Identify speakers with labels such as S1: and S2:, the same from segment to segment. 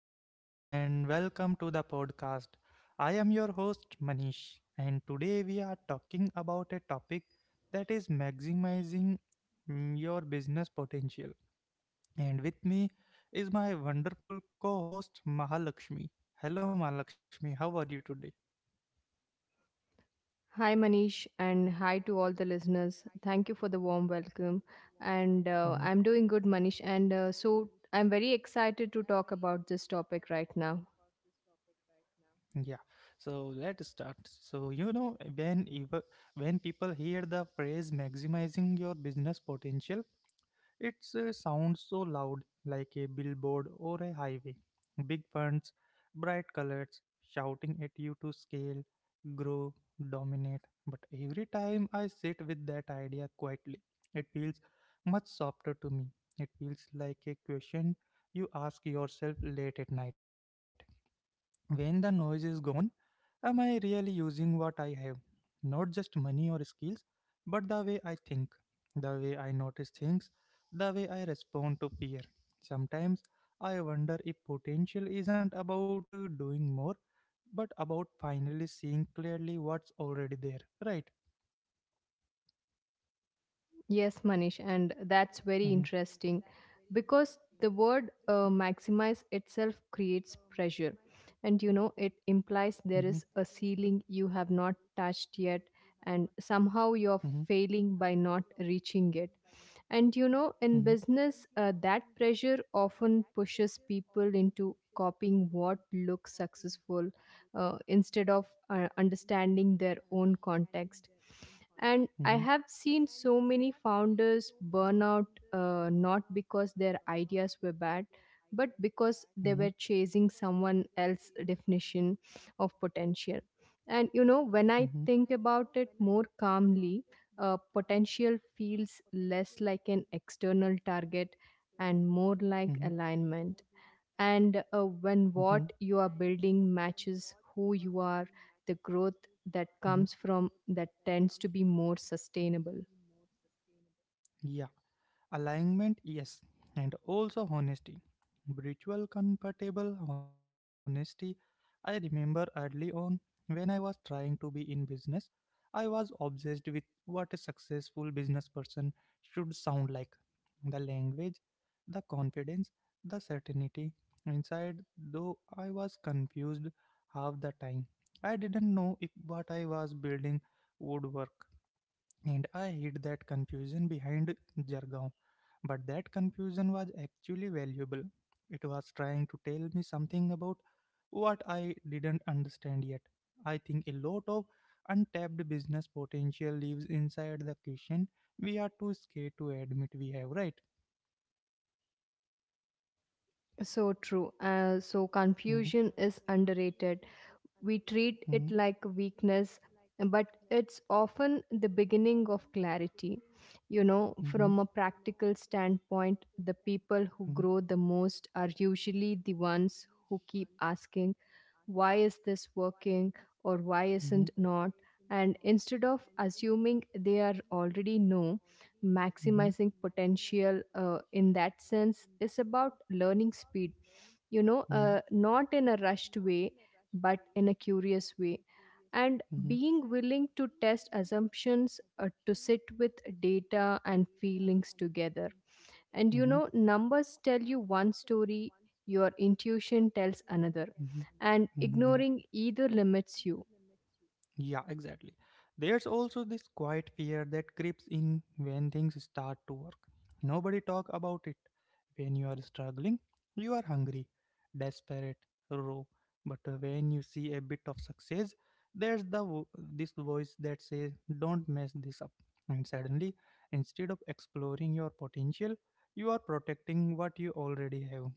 S1: everyone, and welcome to the podcast. I am your host, Manish, and today we are talking about a topic that is maximizing your business potential. And with me is my wonderful co host, Mahalakshmi. Hello, Mahalakshmi, how are you today?
S2: Hi, Manish, and hi to all the listeners. Thank you for the warm welcome. And
S1: hmm
S2: I'm doing good, Manish. And so I'm very excited to talk about this topic right now.
S1: Yeah. So let's start. When people hear the phrase maximizing your business potential, it sounds so loud, like a billboard or a highway. Big funds, bright colors, shouting at you to scale, grow, dominate. But every time I sit with that idea quietly, it feels much softer to me. It feels like a question you ask yourself late at night when the noise is gone. Am I really using what I have? Not just money or skills, but the way I think, the way I notice things, the way I respond to fear. Sometimes I wonder if potential isn't about doing more, but about finally seeing clearly what's already there, right?
S2: Yes, Manish, and that's very
S1: hmm
S2: interesting because the word maximize itself creates pressure. It implies
S1: hmm
S2: there is a ceiling you have not touched yet, and somehow you're
S1: hmm
S2: failing by not reaching it. In
S1: hmm
S2: business, that pressure often pushes people into copying what looks successful, instead of understanding their own context. And I
S1: hmm
S2: have seen so many founders burn out, not because their ideas were bad, but because they were
S1: bad,
S2: chasing someone else's definition of potential. When I
S1: hmm
S2: think about it more calmly, potential feels less like an external target and more like
S1: hmm
S2: alignment. And when
S1: hmm and
S2: what you are building matches who you are, the growth that
S1: hmm
S2: comes from that tends to be more sustainable.
S1: Alignment, yes, and also honesty. Ritual comfortable honesty. I remember early on when I was trying to be in business, I was obsessed with what a successful business person should sound like: the language, the confidence, the certainty. Inside, though, I was confused half the time. I didn't know if what I was building would work. And I hid that confusion behind jargon. But that confusion was actually valuable. It was trying to tell me something about what I didn't understand yet. I think a lot of untapped business potential lives inside the question we are too scared to admit we have, right?
S2: So true. So
S1: hmm
S2: confusion is underrated. We treat
S1: hmm
S2: it like a weakness, but it's often the beginning of clarity. You know,
S1: hmm
S2: from a practical standpoint, the people who
S1: hmm
S2: grow the most are usually the ones who keep asking, why is this working or why isn't
S1: hmm
S2: not? And instead of assuming they are already know, maximizing potential, in that sense, is about learning speed,
S1: hmm
S2: not in a rushed way, but in a curious way. And
S1: hmm
S2: being willing to test assumptions, to sit with data and feelings together. And you know, numbers tell you one story, your intuition tells another,
S1: hmm
S2: and
S1: another, hmm
S2: ignoring either
S1: yeah
S2: limits you.
S1: Yeah, exactly. There's also this quiet fear that creeps in when things start to work. Nobody talk about it. When you are struggling, you are hungry, desperate, raw. But when you see a bit of success, there's the this voice that says, "Don't mess this up." And suddenly, instead of exploring your potential, you are protecting what you already have,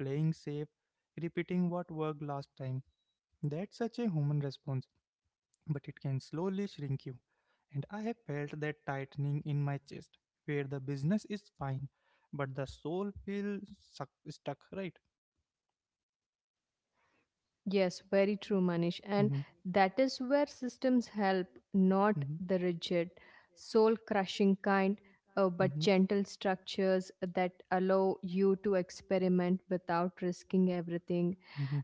S1: playing safe, repeating what worked last time. That's such a human response, but it can slowly shrink you. And I have felt that tightening in my chest, where the business is fine, but the soul feels stuck, right?
S2: Yes, very true, Manish.
S1: hmm
S2: And that is where systems help, not
S1: hmm
S2: the rigid, soul crushing kind,
S1: hmm
S2: but
S1: hmm
S2: gentle structures that allow you to experiment without risking everything.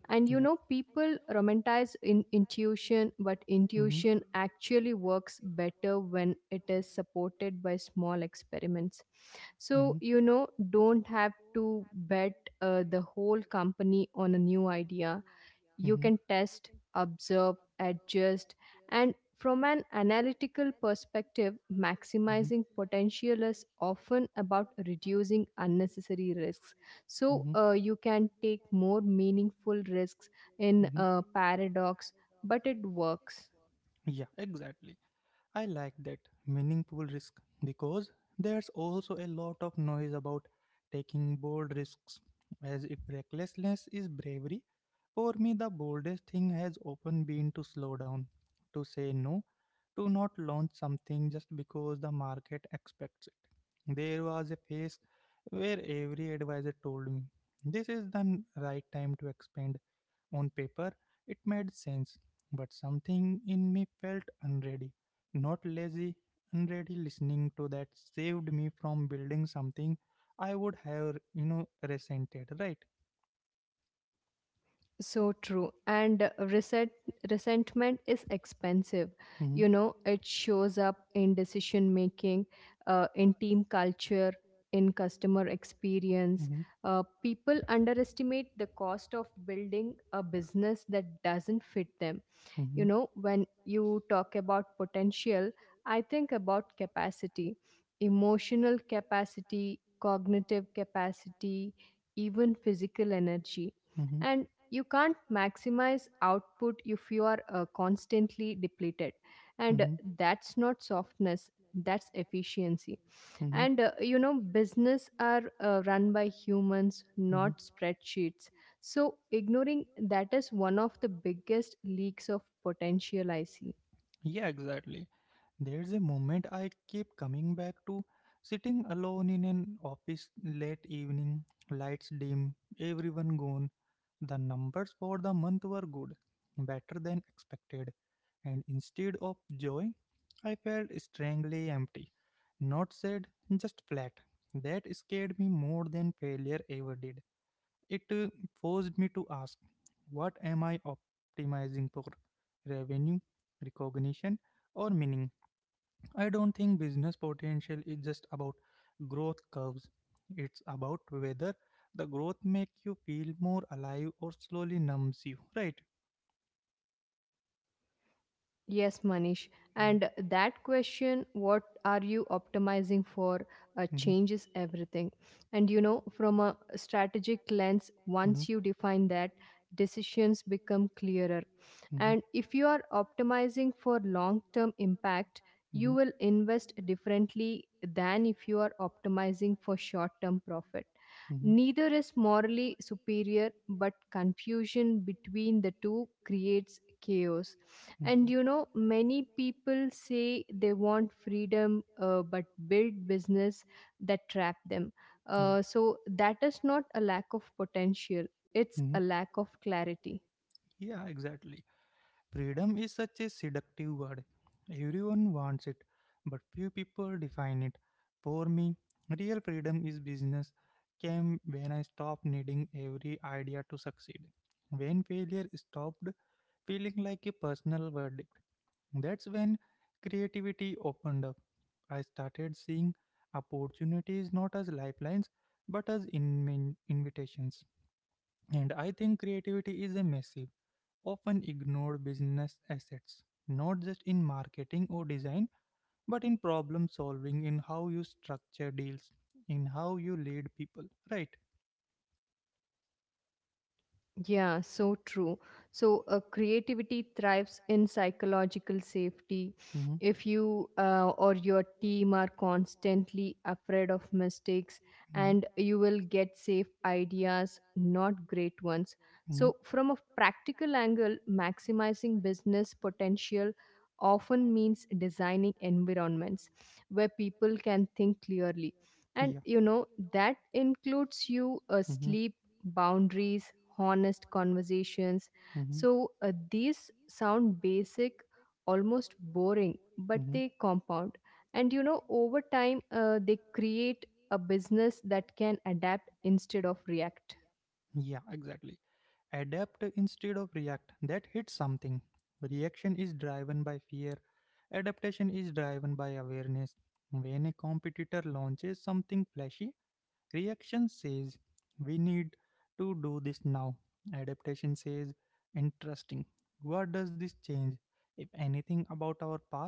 S2: And
S1: Yeah.
S2: you know, people romanticize in intuition, but
S1: hmm
S2: intuition actually works better when it is supported by small experiments. So,
S1: hmm
S2: you know, don't have to bet the whole company on a new idea. You can
S1: hmm
S2: test, observe, adjust, and from an analytical perspective, maximizing potential is often about reducing unnecessary risks.
S1: hmm right?
S2: So you can take more meaningful risks
S1: hmm
S2: in
S1: hmm
S2: a paradox, but it works.
S1: Yeah, exactly. I like that meaningful risk because there's also a lot of noise about taking bold risks, as if recklessness is bravery. For me, the boldest thing has often been to slow down, to say no, to not launch something just because the market expects it. There was a phase where every advisor told me this is the right time to expand. On paper, it made sense, but something in me felt unready. Not lazy, unready. Listening to that saved me from building something I would have, you know, resented, right?
S2: So true. And resentment is expensive.
S1: hmm
S2: You know, it shows up in decision making, in team culture, in customer experience.
S1: hmm
S2: People underestimate the cost of building a business that doesn't fit them. You
S1: hmm
S2: know, when you talk about potential, I think about capacity, emotional capacity, cognitive capacity, even physical energy. And
S1: hmm
S2: you can't maximize output if you are constantly depleted. And that's not softness, that's efficiency,
S1: hmm
S2: and you know business are run by humans
S1: hmm hmm
S2: not spreadsheets, so ignoring that is one of the biggest leaks of potential I see.
S1: Yeah, exactly. There's a moment I keep coming back to, sitting alone in an office late evening, lights dim, everyone gone. The numbers for the month were good, better than expected, and instead of joy, I felt strangely empty. Not sad, just flat. That scared me more than failure ever did. It forced me to ask, what am I optimizing for? Revenue, recognition, or meaning? I don't think business potential is just about growth curves. It's about whether the growth make you feel more alive or slowly numbs you, right?
S2: Yes, Manish. And that question, what are you optimizing for,
S1: Mm-hmm.
S2: changes everything. And you know, from a strategic lens,
S1: hmm
S2: once you define that, decisions become clearer.
S1: hmm
S2: And if you are optimizing for long term impact, you
S1: hmm
S2: will invest differently than if you are optimizing for short term profit.
S1: hmm
S2: Neither is morally superior, but confusion between the two creates chaos, and you
S1: hmm
S2: know, many people say they want freedom but build business that trap them.
S1: Yeah.
S2: So that is not a lack of potential, it's
S1: hmm
S2: a lack of clarity.
S1: Yeah, exactly. Freedom is such a seductive word. Everyone wants it, but few people define it. For me, real freedom is business came when I stopped needing every idea to succeed. When failure stopped feeling like a personal verdict, that's when creativity opened up. I started seeing opportunities not as lifelines but as invitations. And I think creativity is a massive, often ignore business assets, not just in marketing or design, but in problem solving, in how you structure deals, in how you lead people, right?
S2: Yeah, so true. So, creativity thrives in psychological safety.
S1: hmm
S2: If you or your team are constantly afraid of mistakes,
S1: hmm
S2: and you will get safe ideas, not great ones.
S1: hmm
S2: So, from a practical angle, maximizing business potential often means designing environments where people can think clearly. And
S1: Yeah.
S2: you know, that includes you,
S1: hmm
S2: sleep, boundaries, honest conversations.
S1: hmm
S2: So these sound basic, almost boring, but they compound. And you know, over time, they create a business that can adapt instead of react.
S1: Yeah, exactly. Adapt instead of react. That hits something. Reaction is driven by fear. Adaptation is driven by awareness. When a competitor launches something flashy, reaction says we need to do this now. Adaptation says interesting. What does this change, if anything, about our path?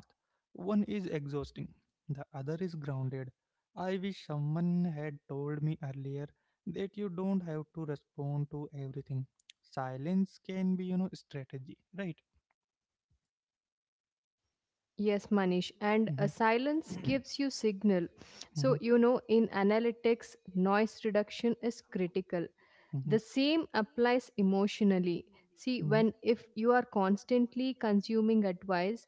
S1: One is exhausting, the other is grounded. I wish someone had told me earlier that you don't have to respond to everything. Silence can be, you know, strategy, right?
S2: Yes, Manish. And a
S1: Mhm.
S2: silence gives you signal.
S1: Mhm.
S2: So, you know, in analytics, noise reduction is critical. The same applies emotionally. See, when if you are constantly consuming advice,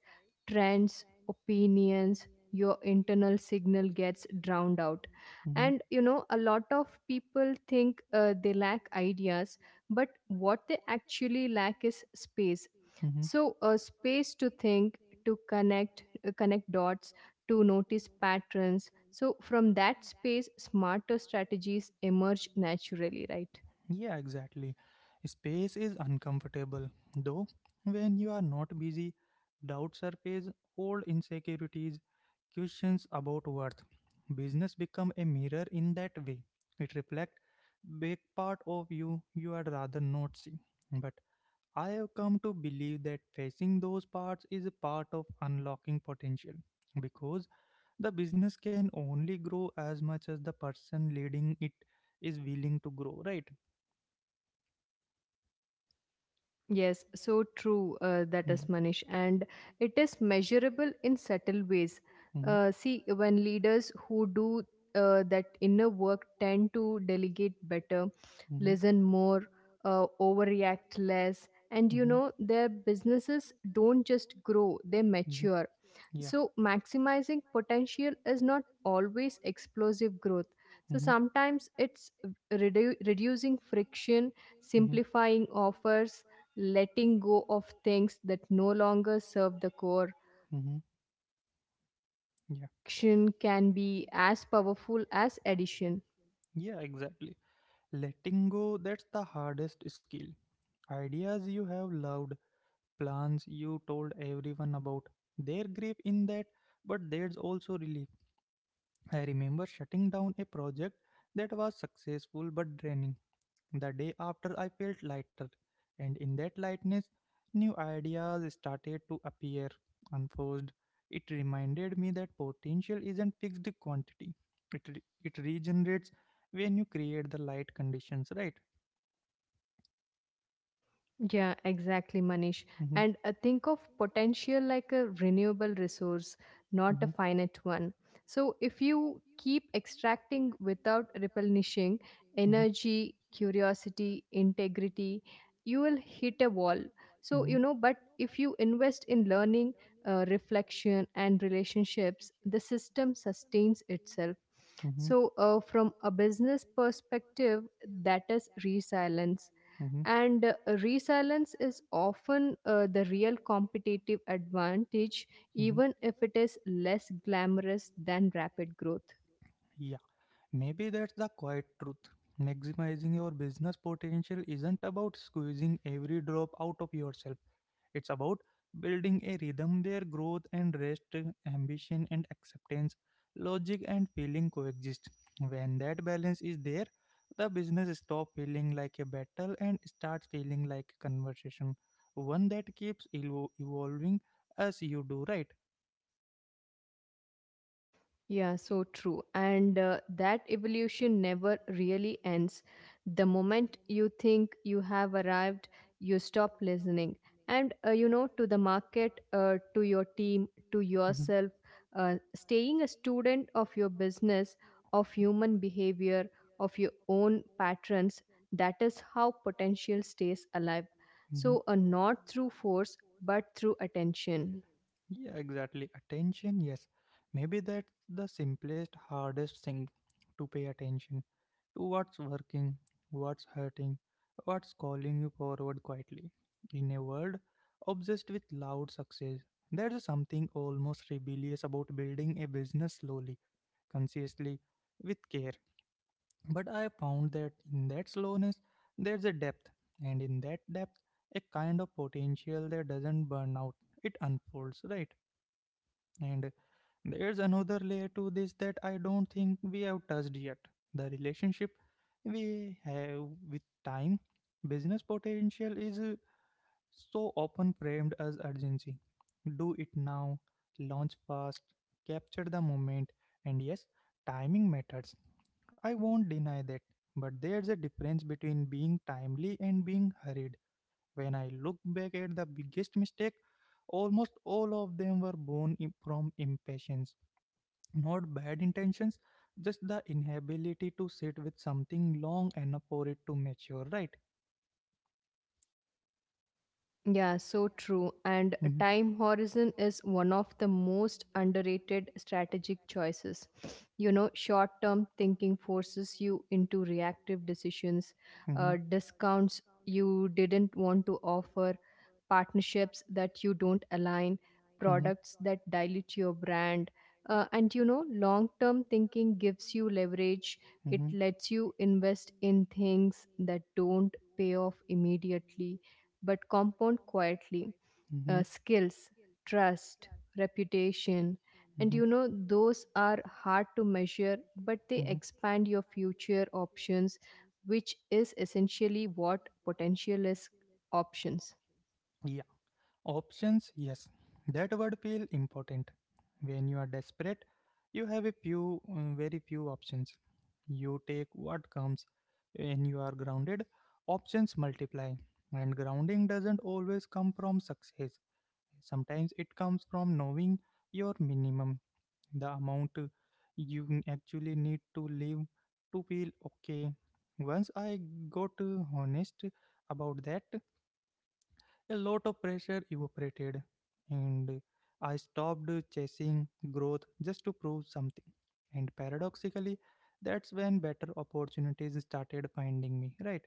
S2: trends, opinions, your internal signal gets drowned out,
S1: Mhm. Mhm. Mhm.
S2: and you know a lot of people think they lack ideas, but what they actually lack is space.
S1: Mhm.
S2: So a space to think, to connect, connect dots, to notice patterns, so from that space smarter strategies emerge naturally, right?
S1: Yeah, exactly. Space is uncomfortable, though. When you are not busy, doubt surface, old insecurities, questions about worth. Business become a mirror in that way. It reflects big part of you you had rather not see. But I have come to believe that facing those parts is a part of unlocking potential because the business can only grow as much as the person leading it is willing to grow, right?
S2: Yes, so true, that is Manish, and it is measurable in subtle ways.
S1: Mhm, that is, and hmm
S2: See, when leaders who do that inner work tend to delegate better,
S1: hmm
S2: listen more, overreact less, and you
S1: hmm
S2: know, their businesses don't just grow, they
S1: hmm
S2: mature.
S1: Yeah.
S2: So, maximizing potential is not always explosive growth. So,
S1: hmm
S2: sometimes it's reducing friction,
S1: hmm
S2: simplifying offers, letting go of things that no longer serve the core.
S1: hmm Yeah.
S2: Fraction can be as powerful as addition.
S1: Yeah, exactly. Letting go, that's the hardest skill. Ideas you have loved, plans you told everyone about. Their grief in that, but there's also relief. I remember shutting down a project that was successful but draining. The day after, I felt lighter, and in that lightness, new ideas started to appear unforced. It reminded me that potential isn't fixed quantity, it regenerates when you create the light conditions, right?
S2: Yeah, exactly, Manish.
S1: hmm
S2: And Think of potential like a renewable resource, not a finite one. So, if you keep extracting without replenishing
S1: hmm
S2: energy, curiosity, integrity, you will hit a wall. So,
S1: hmm
S2: you know, but if you invest in learning, reflection, and relationships, the system sustains itself.
S1: hmm hmm
S2: So, from a business perspective, that is resilience,
S1: hmm
S2: and resilience is often the real competitive advantage,
S1: Mhm.
S2: even if it is less glamorous than rapid growth.
S1: Yeah, maybe that's the quiet truth. Maximizing your business potential isn't about squeezing every drop out of yourself, it's about building a rhythm where growth and rest, ambition and acceptance, logic and feeling coexist. When that balance is there, the business stops feeling like a battle and starts feeling like a conversation, one that keeps evolving as you do, right?
S2: Yeah, so true. And That evolution never
S1: That.
S2: really ends. The moment you think you have arrived, you stop listening. To the market, to your team, to
S1: Mhm.
S2: yourself, staying a student of your business, of human behavior, of your own patterns, that is how potential stays alive.
S1: hmm
S2: So, not through force, but through attention.
S1: Yeah, exactly. Attention, yes. Maybe that's the simplest, hardest thing, to pay attention to what's working, what's hurting, what's calling you forward quietly. In a world obsessed with loud success, there's something almost rebellious about building a business slowly, consciously, with care. But I found that in that slowness, there's a depth, and in that depth, a kind of potential that doesn't burn out, it unfolds, right? And there's another layer to this that I don't think we have touched yet, the relationship we have with time. Business potential is so often framed as urgency. Do it now, launch fast, capture the moment, and yes, timing matters, I won't deny that, but there's a difference between being timely and being hurried. When I look back at the biggest mistake, almost all of them were born from impatience, not bad intentions, just the inability to sit with something long enough for it to mature, right?
S2: Yeah, so true. And
S1: hmm
S2: time horizon is one of the most underrated strategic choices. You know, short term thinking forces you into reactive decisions,
S1: hmm
S2: discounts you didn't want to offer, partnerships that you don't align,
S1: align,
S2: products that dilute your brand. And you know, long term thinking gives you leverage. It
S1: hmm
S2: lets you invest in things that don't pay off immediately but compound quietly.
S1: hmm
S2: Skills, trust, reputation.
S1: hmm
S2: And you know, those are hard to measure, but they
S1: hmm
S2: expand your future options, which is essentially what potential is: options.
S1: Yeah. Options, yes. That word feel important. When you are desperate, you have a few, very few options. You take what comes. When you are grounded, options multiply. And grounding doesn't always come from success. Sometimes it comes from knowing your minimum, the amount you actually need to live to feel okay. Once I got honest about that, a lot of pressure evaporated and I stopped chasing growth just to prove something. And paradoxically, that's when better opportunities started finding me, right?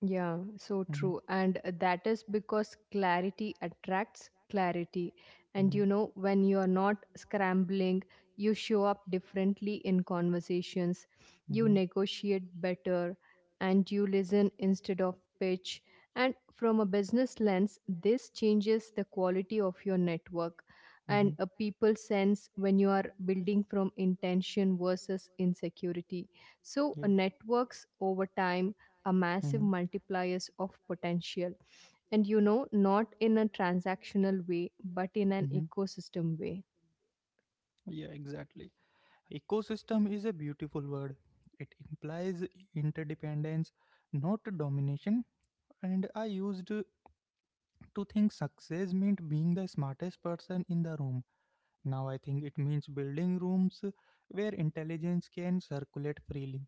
S2: Yeah, so
S1: Mm-hmm.
S2: true. And that is because clarity attracts clarity. And you know,
S1: Mm-hmm.
S2: when you are not scrambling, you show up differently in conversations, you
S1: Mm-hmm.
S2: negotiate better, and you listen instead of pitch. And from a business lens, this changes the quality of your network. And
S1: Mm-hmm.
S2: a people sense when you are building from intention versus insecurity. So,
S1: Yeah.
S2: networks over time a
S1: Mm-hmm.
S2: massive multipliers of potential, and you know, not in a transactional way but in an
S1: Mm-hmm.
S2: ecosystem way.
S1: Yeah, exactly. Ecosystem is a beautiful word. It implies interdependence, not domination. And I used to think success meant being the smartest person in the room. Now I think it means building rooms where intelligence can circulate freely,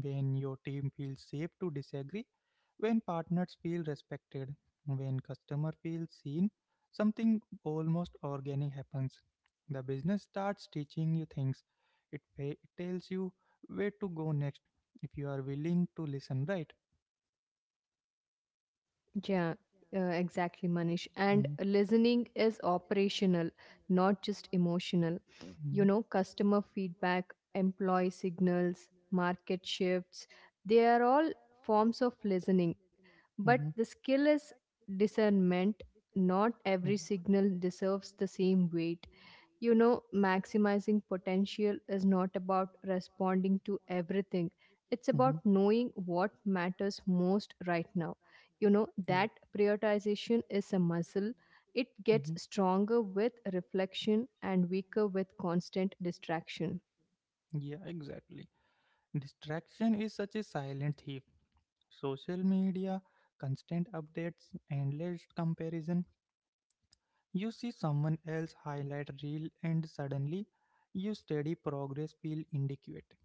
S1: when your team feels safe to disagree, when partners feel respected, when customer feels seen, something almost organic happens. The business starts teaching you things. It it tells you where to go next if you are willing to listen, right?
S2: Yeah, exactly, Manish. And
S1: Mm.
S2: listening is operational, not just emotional.
S1: Mm.
S2: You know, customer feedback, employee signals, market shifts, they are all forms of listening, but
S1: Mhm.
S2: the skill is discernment. Not every
S1: Mhm.
S2: signal deserves the same weight. You know, maximizing potential is not about responding to everything, it's about knowing what matters most right now. You know that
S1: Yeah.
S2: prioritization is a muscle. It gets
S1: Mhm.
S2: stronger with reflection and weaker with constant distraction.
S1: Yeah, exactly. Distraction is such a silent thief. Social media, constant updates, endless comparison. You see someone else highlight reel and suddenly your steady progress feel inadequate.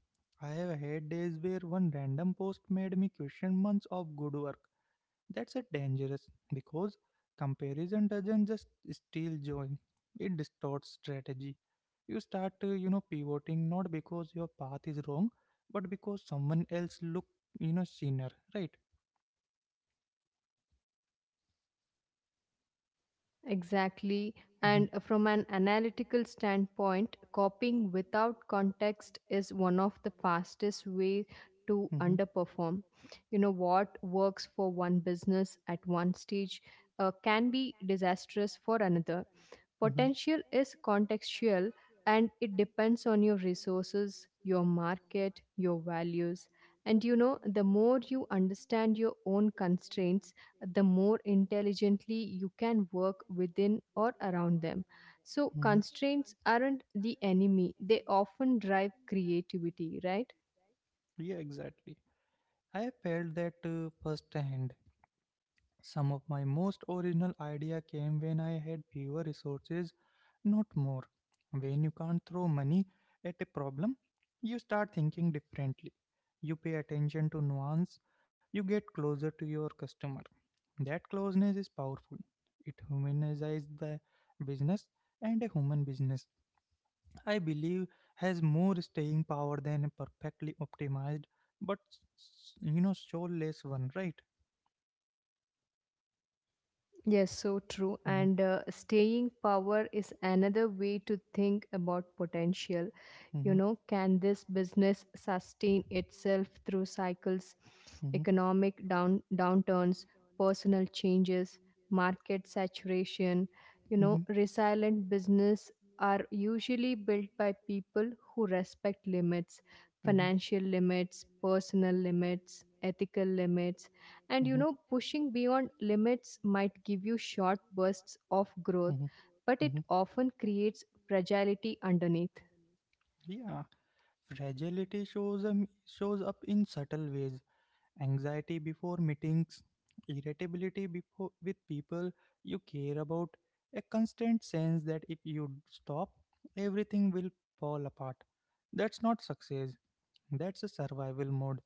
S1: I have had days where one random post made me question months of good work. That's a dangerous because comparison doesn't just steal joy, it distorts strategy. You start, you know, pivoting not because your path is wrong, but because someone else look, you know, senior, right?
S2: Exactly.
S1: Mm-hmm.
S2: And from an analytical standpoint, copying without context is one of the fastest way to
S1: Mm-hmm.
S2: underperform. You know, what works for one business at one stage can be disastrous for another.
S1: Mm-hmm.
S2: Potential is contextual, and it depends on your resources, your market, your values. And you know, the more you understand your own constraints, the more intelligently you can work within or around them. So,
S1: Mm-hmm.
S2: constraints aren't the enemy, they often drive creativity, right?
S1: Right? Yeah, exactly. I felt that firsthand. Some of my most original idea came when I had fewer resources, not more. When you can't throw money at a problem, you start thinking differently. You pay attention to nuance, you get closer to your customer. That closeness is powerful. It humanizes the business and a human business, I believe, has more staying power than a perfectly optimized but you know soulless one, right?
S2: Yes, so true.
S1: hmm
S2: And Staying power is another way to think about potential. You know,
S1: hmm
S2: can this business sustain itself through cycles,
S1: hmm
S2: economic downturns, personal changes, market saturation? You know,
S1: hmm
S2: resilient business are usually built by people who respect limits,
S1: hmm
S2: financial limits, personal limits, ethical limits. And you
S1: hmm
S2: know, pushing beyond limits might give you short bursts of
S1: hmm
S2: growth, but
S1: growth.
S2: it often creates fragility underneath.
S1: Mhm. Yeah, fragility shows up in subtle ways. Anxiety before meetings, irritability before with people you care about, a constant sense that if you stop, everything will fall apart. That's not success. That's a survival mode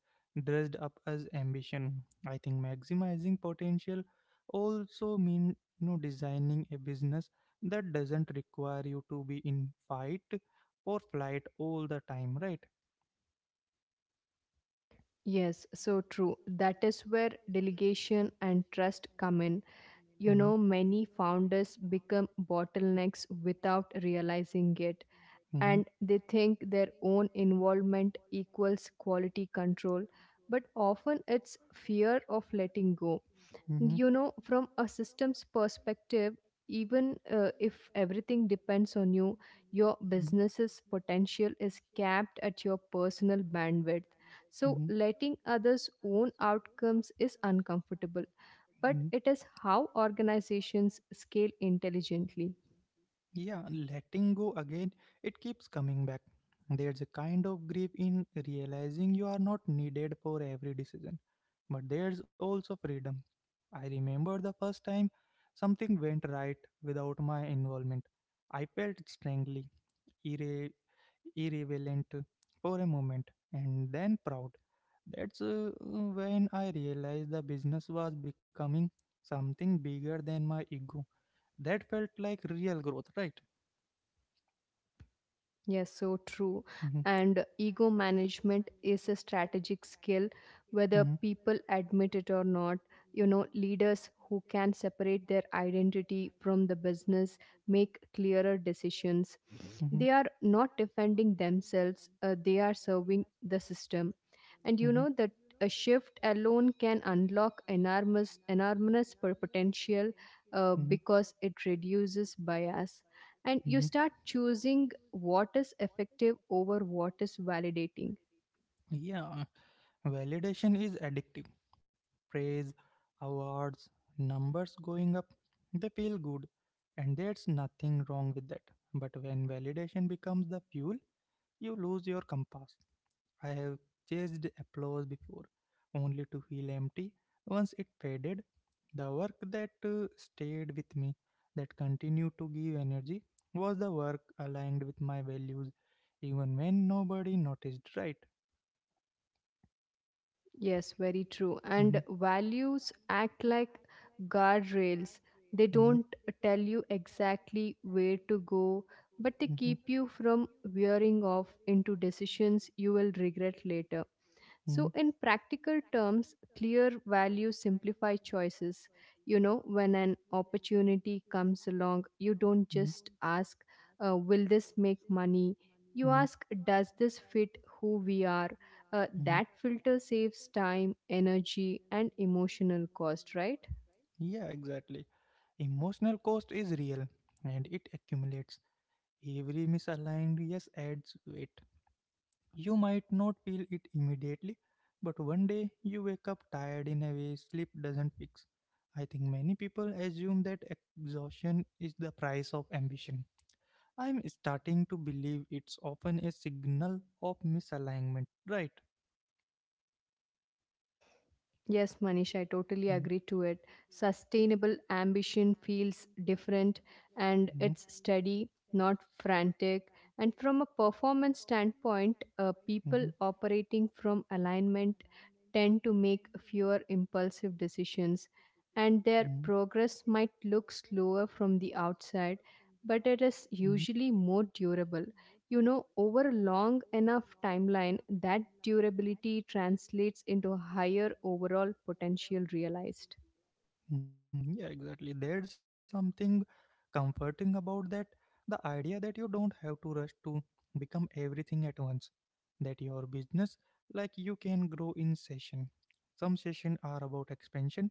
S1: dressed up as ambition. I think maximizing potential also mean designing a business that doesn't require you to be in fight or flight all the time, right?
S2: Yes, so true. That is where delegation and trust come in.
S1: In. Hmm.
S2: You know, many founders become bottlenecks without realizing it,
S1: Hmm.
S2: and they think their own involvement equals quality control, but often it's fear of letting go.
S1: Hmm.
S2: You know, from a systems perspective, even if everything depends on you, your business's potential is capped at your personal bandwidth, so
S1: Hmm.
S2: letting others own outcomes is uncomfortable, but
S1: Mm,
S2: it is how organizations scale intelligently.
S1: yeah, letting go again, it keeps coming back. There's a kind of grief in realizing you are not needed for every decision, but there's also freedom. I remember the first time something went right without my involvement. I felt strangely irre- irrelevant for a moment and then proud. That's when I realized the business was becoming something bigger than my ego. That felt like real growth, right?
S2: Yes, so true.
S1: Mhm.
S2: And ego management is a strategic skill, whether
S1: Mhm.
S2: people admit it or not. You know, leaders who can separate their identity from the business make clearer decisions. They
S1: Mhm.
S2: are not defending themselves, they are serving the system. And you
S1: Mhm.
S2: know that a shift alone can unlock enormous, enormous potential,
S1: Mhm.
S2: because it reduces bias. And you
S1: Mhm.
S2: start choosing what is effective over what is validating.
S1: Yeah, validation is addictive. Praise, awards, numbers going up, they feel good, and there's nothing wrong with that. But when validation becomes the fuel, you lose your compass. I have chased applause before, only to feel empty once it faded. The work that stayed with me, that continued to give energy, was the work aligned with my values, even when nobody noticed, right?
S2: Yes, very true.
S1: Hmm.
S2: And values act like guardrails. They
S1: Values
S2: don't
S1: act
S2: tell you exactly where to go, but they
S1: like. Hmm.
S2: keep
S1: Hmm.
S2: you from veering off into decisions you will regret later. So,
S1: Hmm.
S2: in practical terms, clear values simplify choices. You know, when an opportunity comes along, you don't
S1: Hmm.
S2: just ask, will this make money? You ask, does this fit who we are? That
S1: Mm-hmm.
S2: filter saves time, energy, and emotional cost, right?
S1: Yeah, exactly. Emotional cost is real and it accumulates. Every misaligned yes adds weight. You might not feel it immediately, but one day you wake up tired in a way sleep doesn't fix. I think many people assume that exhaustion is the price of ambition. I'm starting to believe it's often a signal of misalignment, right?
S2: Yes, Manish, I totally
S1: Mhm.
S2: agree to it. Sustainable ambition feels different and
S1: Mhm.
S2: it's steady, not frantic. And from a performance standpoint, people
S1: Mhm.
S2: operating from alignment tend to make fewer impulsive decisions, and their progress might look slower from the outside, but it is
S1: Mhm.
S2: usually more durable, you know, over a long enough timeline that durability translates into higher overall potential realized.
S1: Mhm. Yeah, exactly. There's something comforting about that. The idea that you don't have to rush to become everything at once. That your business, like you can grow in session. Some sessions are about expansion,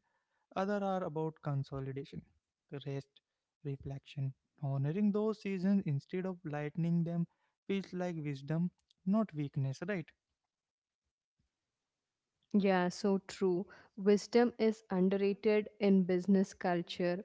S1: other are about consolidation, rest, reflection. Honoring those seasons instead of lightening them feels like wisdom, not weakness, right?
S2: Yeah, so true. Wisdom is underrated in business culture,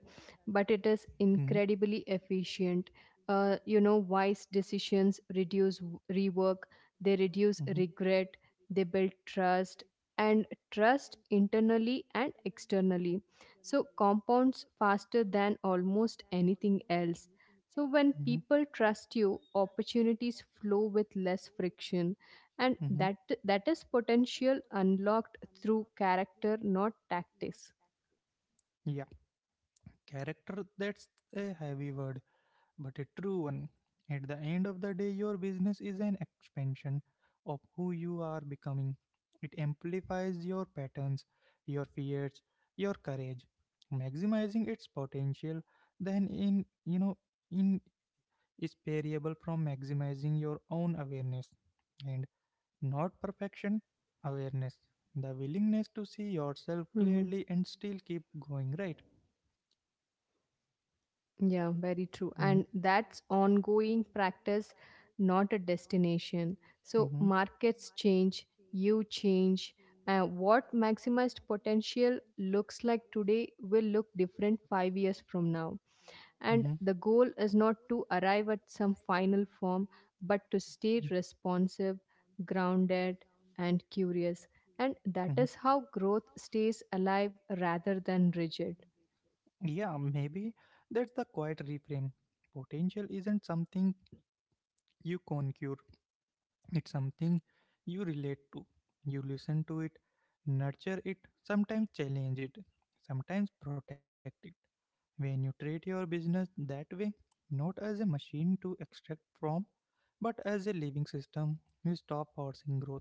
S2: but it is
S1: Hmm.
S2: incredibly efficient. You know, wise decisions reduce rework, they reduce regret, they build trust, and trust internally and externally. So, compounds faster than almost anything else. So, when
S1: Mhm.
S2: people trust you, opportunities flow with less friction, and
S1: Mm-hmm.
S2: that is potential unlocked through character, not tactics.
S1: Yeah, character that's a heavy word, but a true one. At the end of the day, your business is an expansion of who you are becoming. It amplifies your patterns, your fears, your courage, maximizing its potential. Then, in you know, in is variable from maximizing your own awareness, and not perfection, awareness. The willingness to see yourself
S2: Mhm.
S1: clearly and still keep going, right?
S2: Yeah, very true,
S1: Mm.
S2: and that's ongoing practice, not a destination. So
S1: Mm-hmm.
S2: markets change, you change. Uh, what maximized potential looks like today will look different 5 years from now,
S1: Mm-hmm.
S2: and the goal is not to arrive at some final form, but to stay responsive, grounded, and curious. And that
S1: Mm-hmm.
S2: is how growth stays alive rather than rigid.
S1: Yeah, maybe that's the quiet reframe. Potential isn't something you conquer, it's something you relate to. You listen to it, nurture it, sometimes challenge it, sometimes protect it. When you treat your business that way, not as a machine to extract from, but as a living system, you stop forcing growth.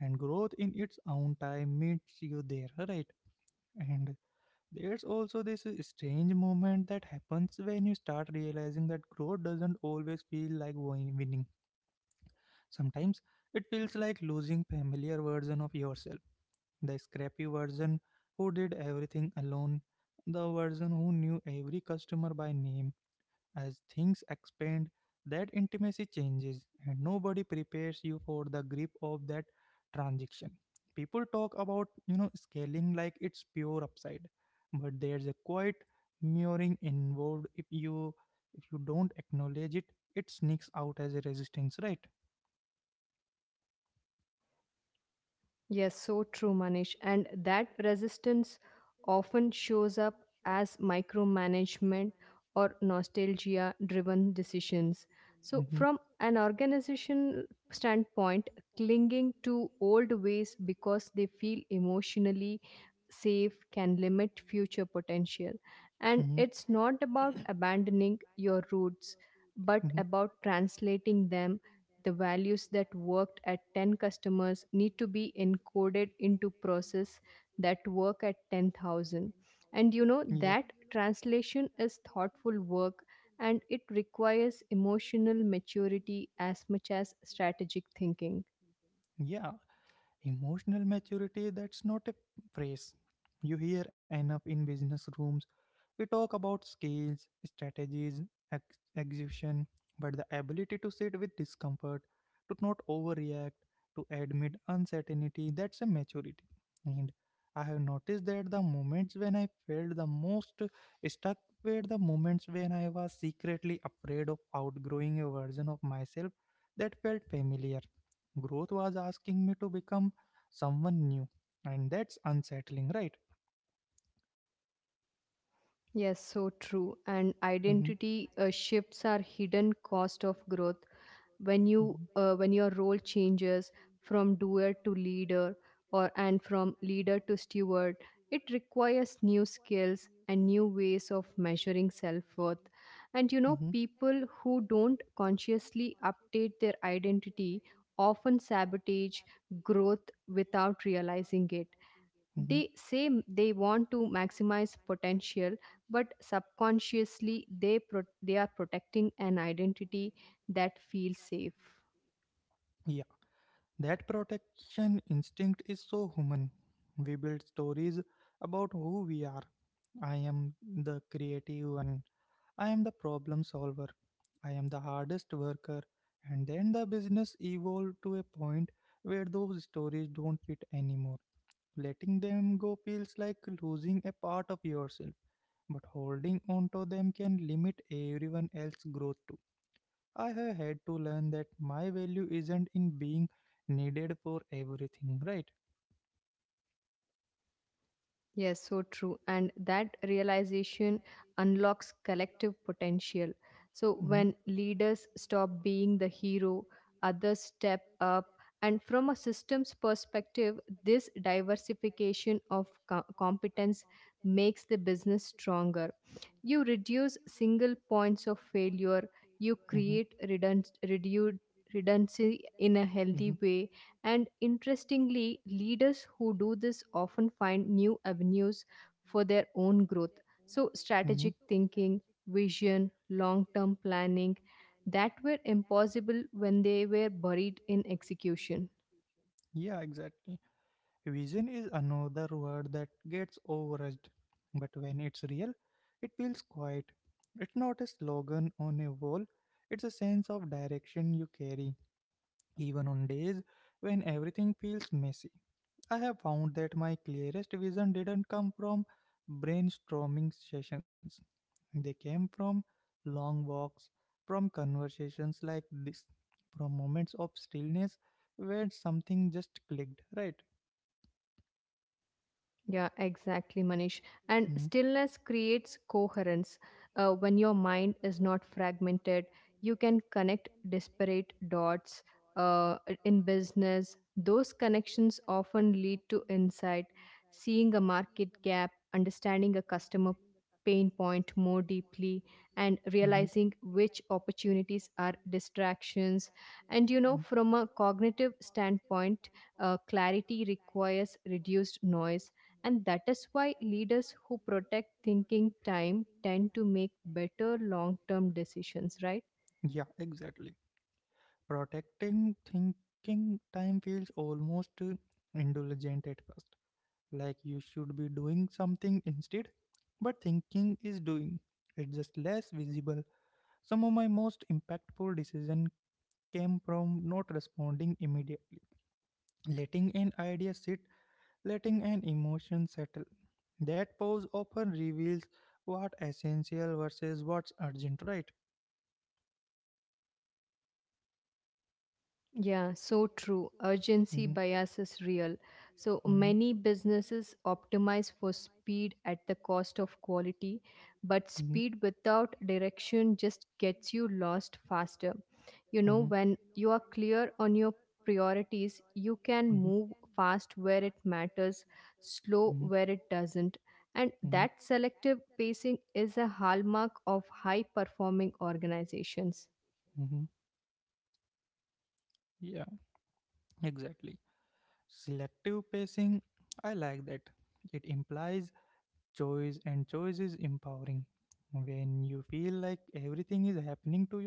S1: And growth in its own time meets you there, right? And there's also this strange moment that happens when you start realizing that growth doesn't always feel like winning. Sometimes it feels like losing familiar version of yourself, the scrappy version who did everything alone, the version who knew every customer by name. As things expand, that intimacy changes, and nobody prepares you for the grip of that transaction. People talk about scaling like it's pure upside, but there's a quiet mirroring involved, if you don't acknowledge it, it sneaks out as a resistance, right?
S2: Yes, so true, Manish. And that resistance often shows up as micromanagement or nostalgia driven decisions. So,
S1: Hmm.
S2: from an organization standpoint, clinging to old ways because they feel emotionally safe can limit future potential. And it's not about abandoning your roots,
S1: Hmm.
S2: but
S1: Hmm.
S2: about translating them. The values that worked at 10 customers need to be encoded into process that work at 10,000. And you know,
S1: Yeah, so
S2: that translation is thoughtful work, and it requires emotional maturity as much as strategic thinking.
S1: that. Yeah. Emotional maturity, that's not a phrase you hear enough in business rooms. We talk about skills, strategies, execution, but the ability to sit with discomfort, to not overreact, to admit uncertainty, that's a maturity. And I have noticed that the moments when I felt the most stuck were the moments when I was secretly afraid of outgrowing a version of myself that felt familiar. Growth was asking me to become someone new. And that's unsettling, right?
S2: Yes, so true. And
S1: Hmm.
S2: identity shifts are hidden cost of growth. When you
S1: Hmm.
S2: when your role changes from doer to leader, or and from leader to steward, it requires new skills and new ways of measuring self-worth. And you
S1: Hmm.
S2: know, people who don't consciously update their identity often sabotage growth without realizing it.
S1: Hmm.
S2: They say they want to maximize potential, but subconsciously they are protecting an identity that feels safe.
S1: Yeah, that protection instinct is so human. We build stories about who we are. I am the creative one. I am the problem solver. I am the hardest worker. And then the business evolved to a point where those stories don't fit anymore. Letting them go feels like losing a part of yourself, but holding on to them can limit everyone else's growth too. I have had to learn that my value isn't in being needed for everything, right?
S2: Yes, so true. And that realization unlocks collective potential. So
S1: Mm-hmm.
S2: when leaders stop being the hero, others step up. And from a systems perspective, this diversification of competence makes the business stronger. You reduce single points of failure, you
S1: Mm-hmm.
S2: create redundancy in a healthy
S1: Mm-hmm.
S2: way. And interestingly, leaders who do this often find new avenues for their own growth. So,
S1: Hmm.
S2: strategic thinking, vision, long term planning that were impossible when they were buried in execution.
S1: Yeah, exactly. Vision is another word that gets overused, but when it's real, it feels quiet. It's not a slogan on a wall, it's a sense of direction you carry, even on days when everything feels messy. I have found that my clearest vision didn't come from brainstorming sessions, they came from long walks, from conversations like this, from moments of stillness where something just clicked, right?
S2: Yeah, exactly, Manish. And
S1: Yeah,
S2: stillness creates coherence. When your mind is not fragmented, you can connect disparate dots. Uh, in business, those connections often lead to insight, seeing a market gap, understanding a customer pain point more
S1: exactly,
S2: deeply,
S1: Manish.
S2: and
S1: Hmm. Pain point more
S2: realizing which opportunities are distractions. And you know,
S1: deeply.
S2: from a cognitive standpoint, clarity requires reduced noise, and that is why leaders who protect thinking time tend to make better long term decisions, right?
S1: Hmm. Yeah, exactly. Protecting thinking time feels almost indulgent at first, like you should be doing something instead. But thinking is doing, it's just less visible. Some of my most impactful decision came from not responding immediately. Letting an idea sit, letting an emotion settle. That pause often reveals what essential versus what's urgent, right?
S2: Yeah, so true. Urgency
S1: Mm-hmm.
S2: bias is real. So
S1: Mm-hmm.
S2: many businesses optimize for speed at the cost of quality, but
S1: Mm-hmm.
S2: speed without direction just gets you lost faster. You know,
S1: Mm-hmm.
S2: when you are clear on your priorities, you can
S1: Mm-hmm.
S2: move fast where it matters, slow
S1: Mm-hmm.
S2: where it doesn't. And
S1: Mm-hmm.
S2: that selective pacing is a hallmark of high performing organizations.
S1: Mm-hmm. Yeah, exactly. Selective pacing, I like that. It implies choice, and choice is empowering. When you feel like everything is happening to you,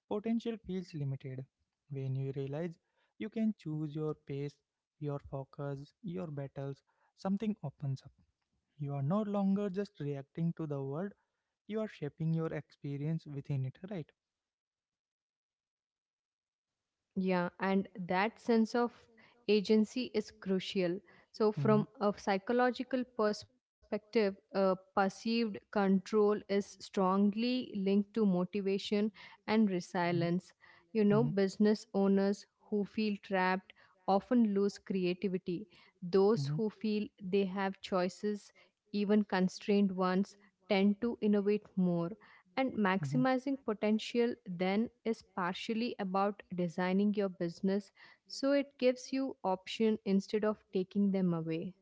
S1: potential feels limited. When you realize you can choose your pace, your focus, your battles, something opens up. You are no longer just reacting to the world, you are shaping your experience within it, right?
S2: Yeah, and that sense of agency is crucial. So,
S1: Mm-hmm.
S2: from a psychological perspective, perceived control is strongly linked to motivation and resilience.
S1: Mm-hmm.
S2: You know,
S1: Mm-hmm.
S2: business owners who feel trapped often lose creativity. Those
S1: Mm-hmm.
S2: who feel they have choices, even constrained ones, tend to innovate more. And
S1: Mm-hmm.
S2: maximizing potential then is partially about designing your business so it gives you option instead of taking them away.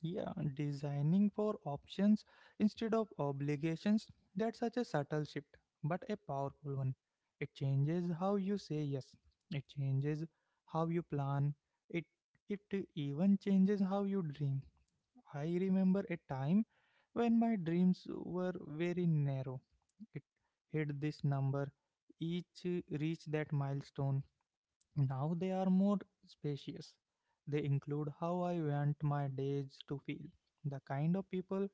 S1: Yeah, designing for options instead of obligations, that's such a subtle shift, but a powerful one. It changes how you say yes, it changes how you plan, it, it even changes how you dream. I remember a time when my dreams were very narrow. It hit this number, each reach that milestone, now they are more spacious. They include how I want my days to feel, the kind of people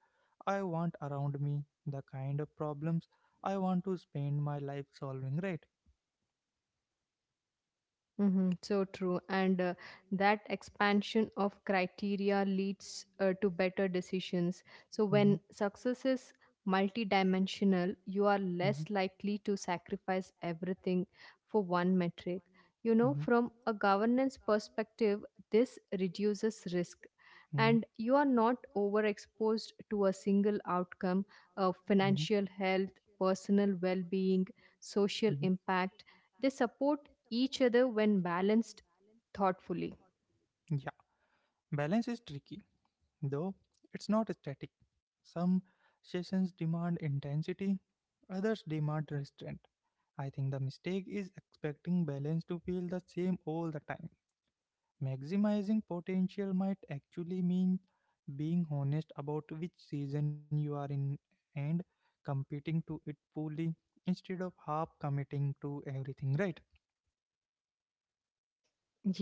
S1: I want around me, the kind of problems I want to spend my life solving, right?
S2: Mm-hmm, so true. And that expansion of criteria leads to better decisions. So,
S1: Hmm.
S2: when success is multidimensional, you are
S1: Hmm.
S2: less likely to sacrifice everything for one metric. You know,
S1: Hmm.
S2: from a governance perspective, this reduces risk.
S1: Hmm.
S2: And you are not overexposed to a single outcome of financial health, personal well being,
S1: Mhm. Mhm.
S2: social impact. They support each other when balanced thoughtfully.
S1: Yeah, balance is tricky, though it's not static. Some sessions demand intensity, others demand restraint. I think the mistake is expecting balance to feel the same all the time. Maximizing potential might actually mean being honest about which season you are in and competing to it fully instead of half committing to everything, right?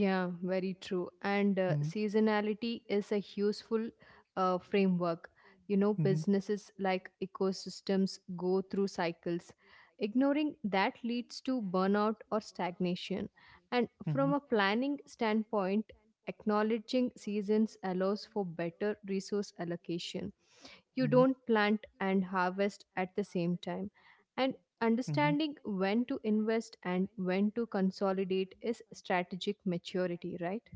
S2: Yeah, very true. And
S1: Mm.
S2: seasonality is a useful framework. You know, businesses like ecosystems go through cycles. Ignoring that leads to burnout or stagnation. And
S1: Mhm.
S2: from
S1: Mhm.
S2: a planning standpoint, acknowledging seasons allows for better resource allocation. You
S1: Hmm.
S2: don't plant and harvest at the same time. And
S1: Hmm.
S2: understanding when to invest and when to consolidate is strategic maturity, right?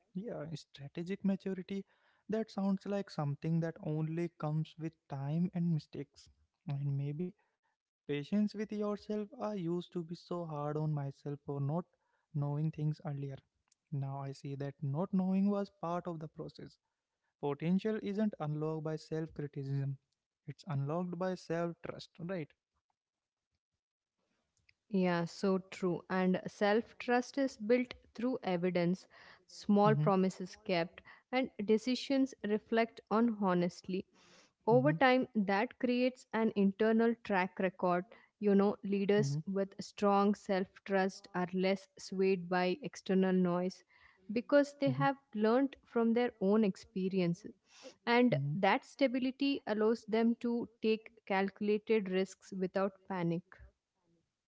S1: Maturity, right? Yeah, strategic maturity. That sounds like something that only comes with time and mistakes. And maybe patience with yourself. I used to be so hard on myself for not knowing things earlier. Now I see that not knowing was part of the process. Potential isn't unlocked by self criticism, it's unlocked by self trust, right?
S2: Yeah, so true. And self trust is built through evidence, small
S1: Mm-hmm.
S2: promises kept, and decisions reflect on honestly. Over
S1: Mm-hmm.
S2: time that creates an internal track record. You know,
S1: Hmm.
S2: leaders with strong self trust are less swayed by external noise because
S1: Hmm.
S2: they have learned from their own experiences, and
S1: Hmm.
S2: that stability allows them to take calculated risks without panic.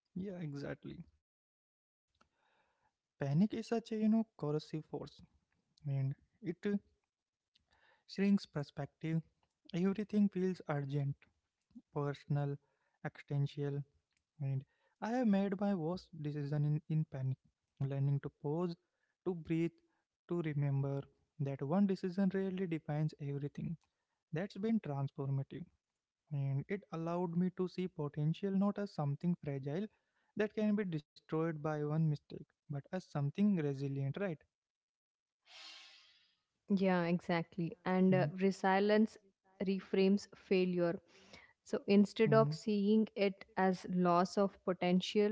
S1: Yeah, exactly. Panic is such a corrosive force, and it shrinks perspective. Everything feels urgent, personal, existential. And I have made my worst decision in panic, learning to pause, to breathe, to remember that one decision really defines everything. That's been transformative, and it allowed me to see potential not as something fragile that can be destroyed by one mistake, but as something resilient, right?
S2: Yeah, exactly. And
S1: Hmm.
S2: resilience reframes failure. So instead
S1: Hmm.
S2: of seeing it as loss of potential,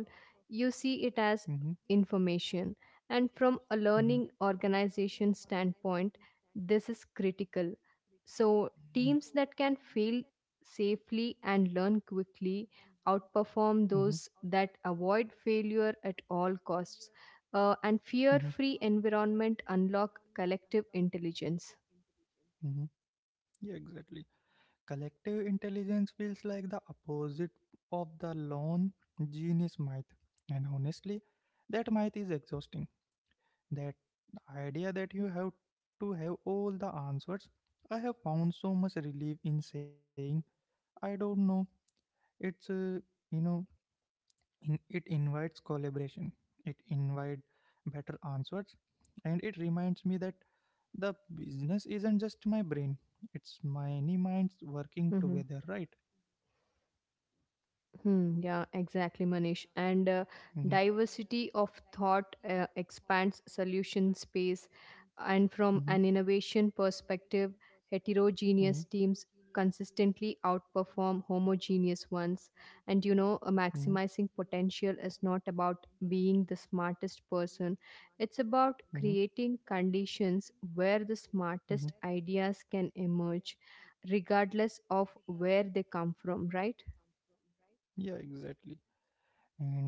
S2: you see it
S1: Hmm.
S2: as information. And from a
S1: Hmm.
S2: learning organization standpoint, this is critical. So teams that can fail safely and learn quickly outperform those that avoid failure at all costs. And
S1: Hmm.
S2: fear
S1: Hmm.
S2: free environment unlock collective intelligence.
S1: Hmm. Yeah, exactly. Collective intelligence feels like the opposite of the lone genius myth. And honestly, that myth is exhausting. That idea that you have to have all the answers. I have found so much relief in saying, I don't know. It's, you know, in, It invites collaboration, it invites better answers, and it reminds me that the business isn't just my brain, it's many minds working
S2: Mm-hmm.
S1: together, right?
S2: Hmm, yeah, exactly, Manish. And diversity of thought expands solution space. And from
S1: Mm-hmm.
S2: an innovation perspective,
S1: And
S2: heterogeneous
S1: mm-hmm.
S2: teams
S1: Mm-hmm.
S2: consistently outperform homogeneous ones. And you know,
S1: Mm-hmm. The
S2: maximizing potential is not about being the smartest person, it's
S1: mm-hmm.
S2: about creating conditions where the
S1: Mm-hmm.
S2: smartest ideas can emerge, regardless of where they come from, right?
S1: Where the smartest. Yeah, exactly. And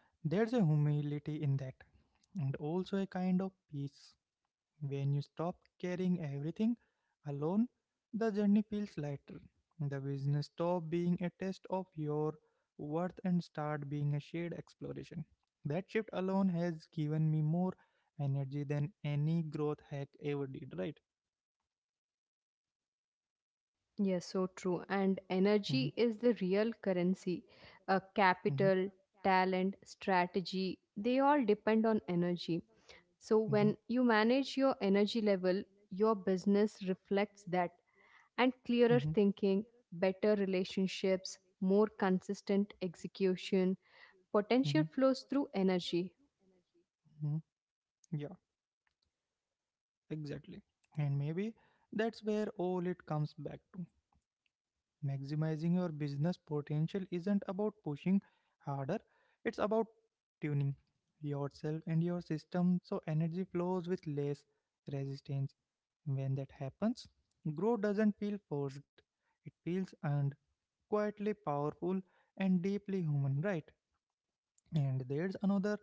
S1: there's a humility in that, and also a kind of peace. When you stop carrying everything alone, the journey feels lighter. The business stop being a test of your worth and start being a shared exploration. That shift alone has given me more energy than any growth hack ever did, right?
S2: Yes, so true. And
S1: Mhm.
S2: energy is the real currency.
S1: Mhm.
S2: Capital, talent, strategy, they all depend on energy. So when
S1: Mhm.
S2: you manage your energy level, your business reflects that. And clearer
S1: Mhm.
S2: thinking, better relationships, more consistent execution, potential flows through energy.
S1: Mm-hmm. Yeah, exactly. And maybe that's where all it comes back to. Maximizing your business potential isn't about pushing harder, it's about tuning yourself and your system so energy flows with less resistance. When that happens, growth doesn't feel forced, it feels earned, quietly powerful, and deeply human, right? And there's another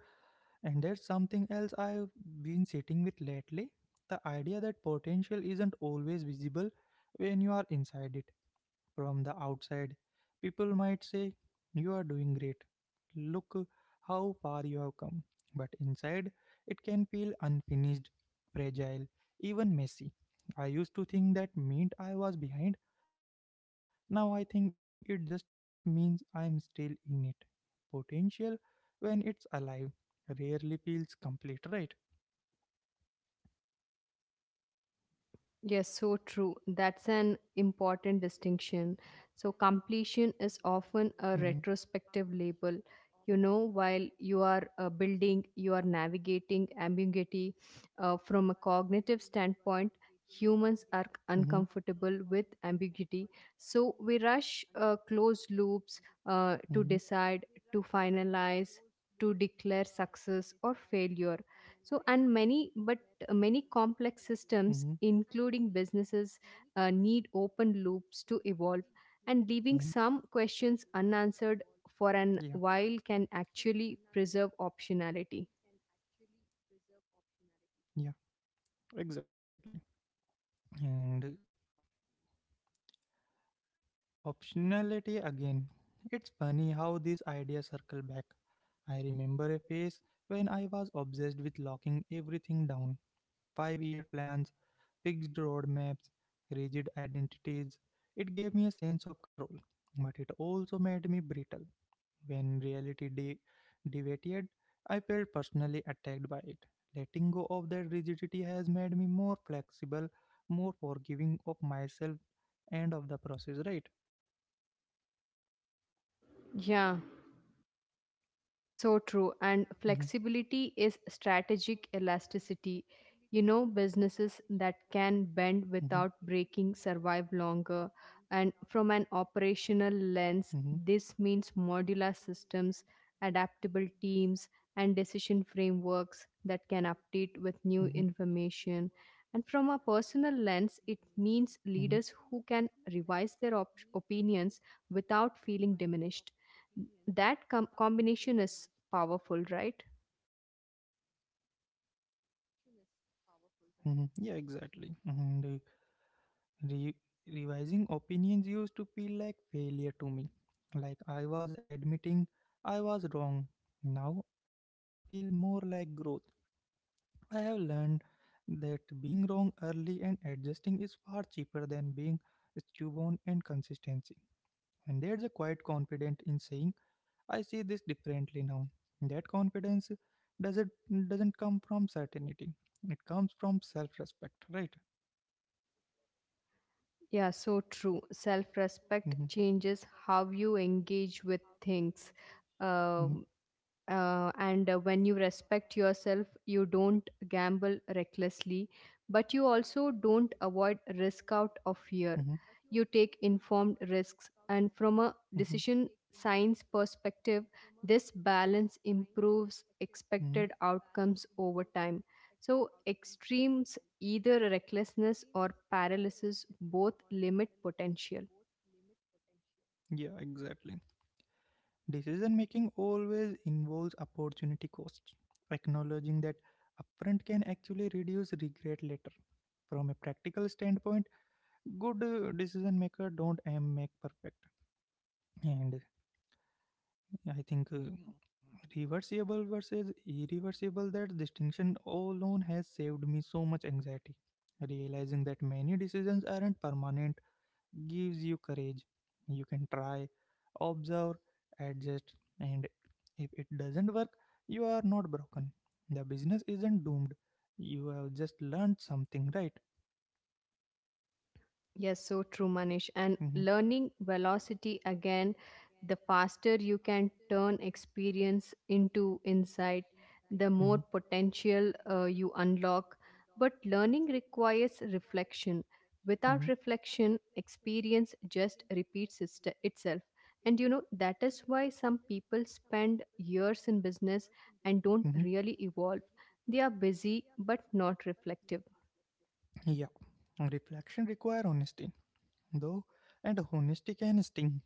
S1: and there's something else I've been sitting with lately, the idea that potential isn't always visible when you are inside it. From the outside, people might say, "You are doing great. Look how far you have come." But inside, it can feel unfinished, fragile, even messy. I used to think that meant I was behind. Now I think it just means I'm still in it. Potential, when it's alive, rarely feels complete, right?
S2: Yes, so true. That's an important distinction. So, completion is often a retrospective label. You know, while you are building, you are navigating ambiguity. From a cognitive standpoint, humans are uncomfortable with
S1: Mm-hmm.
S2: ambiguity. So, we rush closed loops to decide,
S1: Mm-hmm.
S2: to finalize, to declare success or failure. So, and many, but Many complex systems,
S1: Mm-hmm.
S2: including businesses, need open loops to evolve, and leaving
S1: Mm.
S2: some questions unanswered for an
S1: Yeah.
S2: while can actually preserve optionality.
S1: Yeah, exactly. And optionality again. It's funny how these ideas circle back. I remember a phase when I was obsessed with locking everything down: 5-year plans, fixed roadmaps, rigid identities. It gave me a sense of control, but it also made me brittle. When reality deviated, I felt personally attacked by it. Letting go of that rigidity has made me more flexible, more forgiving of myself and of the process, right?
S2: Yeah. So true. And
S1: Hmm.
S2: flexibility is strategic elasticity. You know, businesses that can
S1: Hmm.
S2: bend without breaking survive longer. And from an operational lens,
S1: Hmm.
S2: this means modular systems, adaptable teams, and decision frameworks that can update with new
S1: Hmm.
S2: information. And from a personal lens, it means leaders
S1: Hmm.
S2: who can revise their opinions without feeling diminished. That combination is powerful,
S1: Yeah.
S2: right?
S1: Hmm. Yeah, exactly. Mm-hmm. And re- revising opinions used to feel like failure to me, like I was admitting I was wrong. Now I feel more like growth. I have learned that being wrong early and adjusting is far cheaper than being stubborn and consistency. And there's a quiet confidence in saying, "I see this differently now." That confidence doesn't doesn't come from certainty. It comes from self-respect, right?
S2: Yeah, so true. Self-respect
S1: Hmm.
S2: changes how you engage with things. Um
S1: True.
S2: and when you respect yourself, you don't gamble recklessly, but you also don't avoid risk out of fear.
S1: Hmm. Hmm.
S2: You take informed risks. And from a
S1: Hmm.
S2: decision science perspective, this balance improves expected
S1: Hmm.
S2: outcomes over time. So extremes, either recklessness or paralysis, both limit potential.
S1: Yeah, exactly. Decision making always involves opportunity cost. Acknowledging that upfront can actually reduce regret later. From a practical standpoint, good decision maker don't aim make perfect. And I think reversible versus irreversible, that distinction alone has saved me so much anxiety. Realizing that many decisions aren't permanent gives you courage. You can try, observe, adjust, and if it doesn't work, you are not broken. The business isn't doomed. You have just learned something, right?
S2: Yes, so true, Manish. And learning velocity again, the faster you can turn experience into insight, the
S1: Hmm.
S2: more
S1: Hmm.
S2: potential you unlock. But learning requires reflection. Without reflection, experience just repeats itself. And you know, that is why some people spend years in business and
S1: Hmm.
S2: don't
S1: Hmm.
S2: really evolve. They are busy but not reflective.
S1: Yeah. Reflection require honesty, though, and honesty can sting.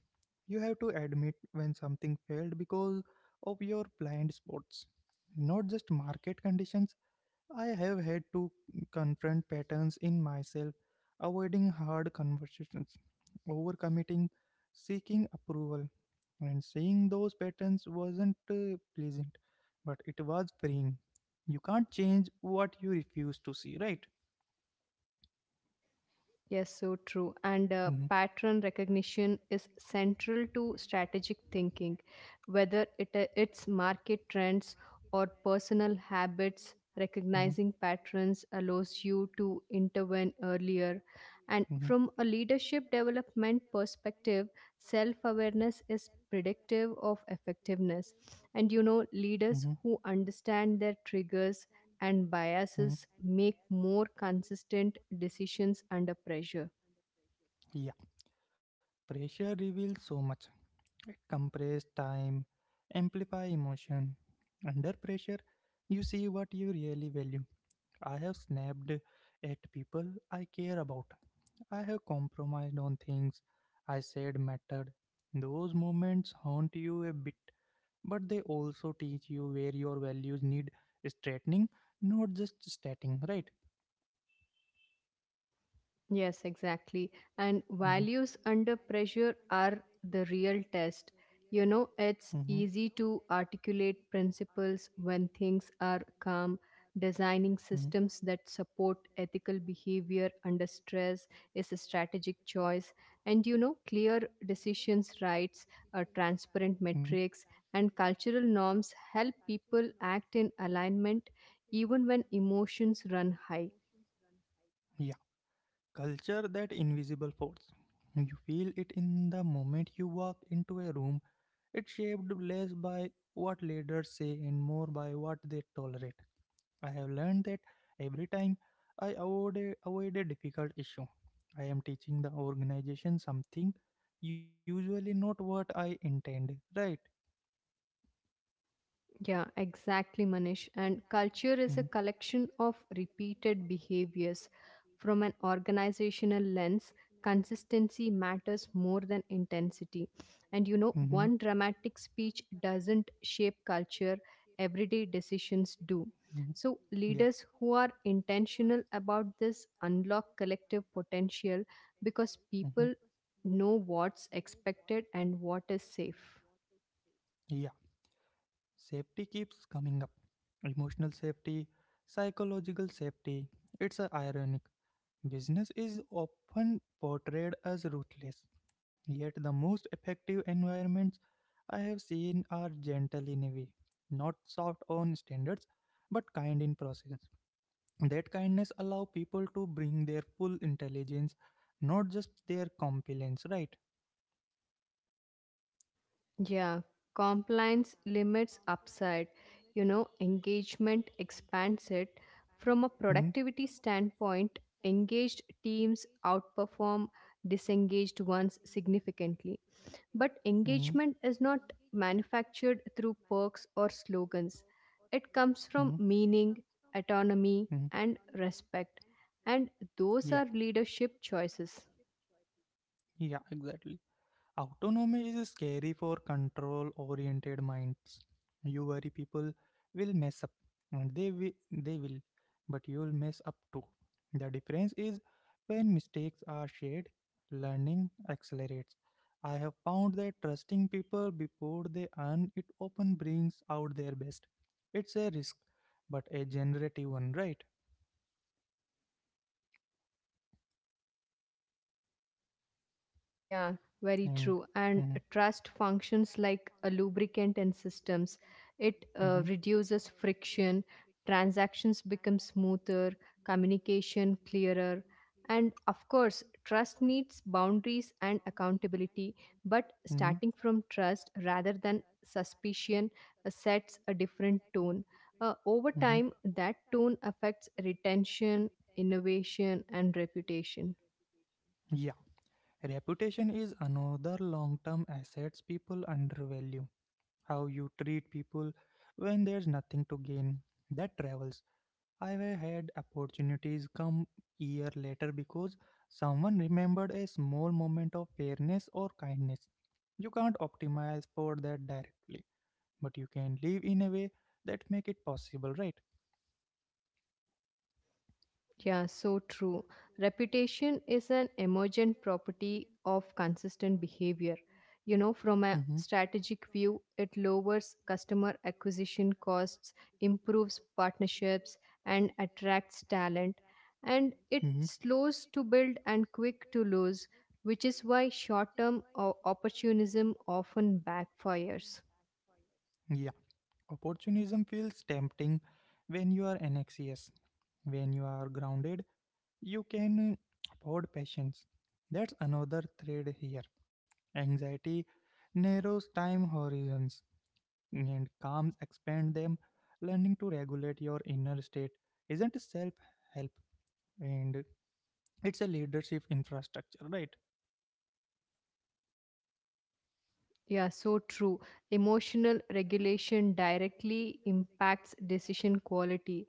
S1: You have to admit when something failed because of your blind spots, not just market conditions. I have had to confront patterns in myself: avoiding hard conversations, overcommitting, seeking approval. And seeing those patterns wasn't pleasant, but it was freeing. You can't change what you refuse to see, right?
S2: Yes, so true. And
S1: Mhm.
S2: pattern recognition is central to strategic thinking, whether it's market trends or personal habits.
S1: Mhm.
S2: Recognizing patterns allows you to intervene earlier. And from
S1: Mhm.
S2: a leadership development perspective, self awareness is predictive of effectiveness. And you know,
S1: Mhm.
S2: leaders who understand their triggers and biases
S1: Mhm.
S2: make more consistent decisions under pressure.
S1: Yeah, pressure reveals so much. It compresses time, amplify emotion. Under pressure, you see what you really value. I have snapped at people I care about. I have compromised on things I said mattered. Those moments haunt you a bit, but they also teach you where your values need straightening, not just stating, right?
S2: Yes, exactly. And values under pressure are the real test. You know, it's
S1: Mm-hmm.
S2: easy to articulate principles when things are calm. Designing
S1: Mhm.
S2: systems that support ethical behavior under stress is a strategic choice. And you know, clear decisions, rights, transparent
S1: Mhm.
S2: metrics, and cultural norms help people act in alignment even when emotions run high.
S1: Yeah, culture, that invisible force. You feel it in the moment you walk into a room. It's shaped less by what leaders say and more by what they tolerate. I have learned that every time I avoid a difficult issue, I am teaching the organization something, usually not what I intend, right?
S2: Yeah, exactly, Manish. And culture
S1: Mhm.
S2: is a collection of repeated behaviors. From an organizational lens, consistency matters more than intensity. And you know,
S1: Hmm.
S2: one dramatic speech doesn't shape culture, everyday decisions do.
S1: Hmm.
S2: So,
S1: Yeah.
S2: leaders who are intentional about this unlock collective potential because
S1: Hmm.
S2: people know what's expected and what is safe.
S1: Yeah. Safety keeps coming up. Emotional safety, psychological safety. It's a ironic. Business is often portrayed as ruthless. Yet the most effective environments I have seen are gentle in a way. Not soft on standards, but kind in process. That kindness allow people to bring their full intelligence, not just their compliance, right?
S2: Yeah, compliance limits upside. You know, engagement expands it. From a
S1: it,
S2: productivity standpoint, engaged teams outperform disengaged ones significantly. But engagement is not manufactured through perks or slogans, it comes
S1: Mm-hmm,
S2: from meaning,
S1: mm-hmm,
S2: autonomy,
S1: mm-hmm.
S2: and respect. And those
S1: Yeah,
S2: are leadership choices.
S1: yeah, exactly. Autonomy is scary for control oriented minds. You worry people will mess up, and they will, but you'll mess up too. The difference is when mistakes are shared, learning accelerates. I have found that trusting people before they earn it often brings out their best. It's a risk, but a generative one, right?
S2: Yeah, very
S1: And
S2: true. And
S1: mhm,
S2: trust functions like a lubricant in systems. It
S1: And mhm,
S2: reduces friction, transactions become smoother, communication clearer. And of course, trust needs boundaries and accountability. But
S1: mhm.
S2: starting from trust rather than suspicion sets a different tone. Over
S1: Mhm.
S2: time, that tone affects retention, innovation, and reputation.
S1: Yeah. Reputation is another long term assets people undervalue. How you treat people when there's nothing to gain, that travels. I've had opportunities come year later because someone remembered a small moment of fairness or kindness. You can't optimize for that directly, but you can live in a way that make it possible, right?
S2: Yeah, so true. Reputation is an emergent property of consistent behavior. You know,
S1: Mm-hmm.
S2: from a strategic view, it lowers customer acquisition costs, improves partnerships, and attracts talent. And it
S1: Mm-hmm.
S2: slows to build and quick to lose, which is why short term opportunism often backfires.
S1: Yeah. Opportunism feels tempting when you are anxious. When you are grounded, you can afford patience. That's another thread here. Anxiety narrows time horizons and calms expand them. Learning to regulate your inner state isn't self help and it's a leadership infrastructure, right?
S2: Yeah, so true. Emotional regulation directly impacts decision quality.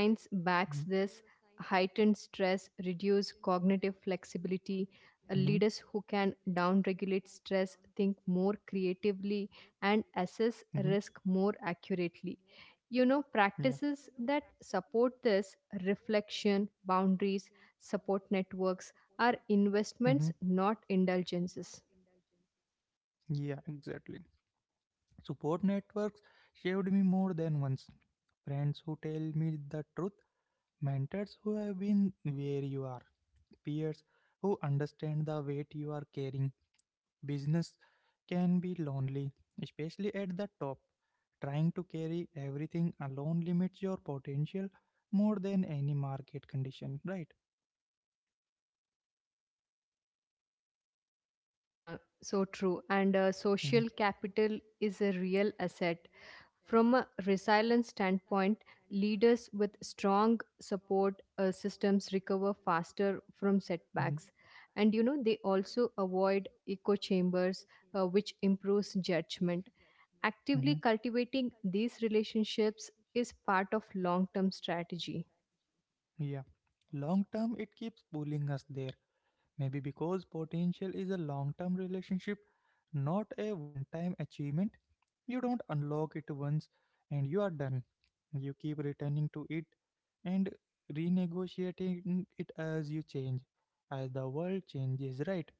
S1: Mhm.
S2: backs this. Heightened stress reduce cognitive flexibility.
S1: Hmm.
S2: Leaders who can downregulate stress think more creatively and
S1: Flexibility.
S2: assess
S1: Hmm.
S2: risk more accurately. You know,
S1: And assist. Yeah.
S2: practices that support this, reflection, boundaries, support networks, are
S1: Hmm.
S2: investments, not indulgences.
S1: Yeah, exactly. Support networks saved me more than once. Friends who tell me the truth, mentors who have been where you are, peers who understand the weight you are carrying. Business can be lonely, especially at the top. Trying to carry everything alone limits your potential more than any market condition, right?
S2: Yeah, so true. And
S1: Hmm.
S2: social capital is a real asset. From a resilience standpoint, leaders with strong support systems recover faster from setbacks.
S1: Hmm.
S2: And you know, they also avoid echo chambers, which improves judgment. Actively cultivating these relationships is part of long term strategy.
S1: Yeah, long term it keeps pulling us there. Maybe because potential is a long term relationship, not a one time achievement. You don't unlock it once and you are done. You keep returning to it and renegotiating it as you change, as the world changes, right?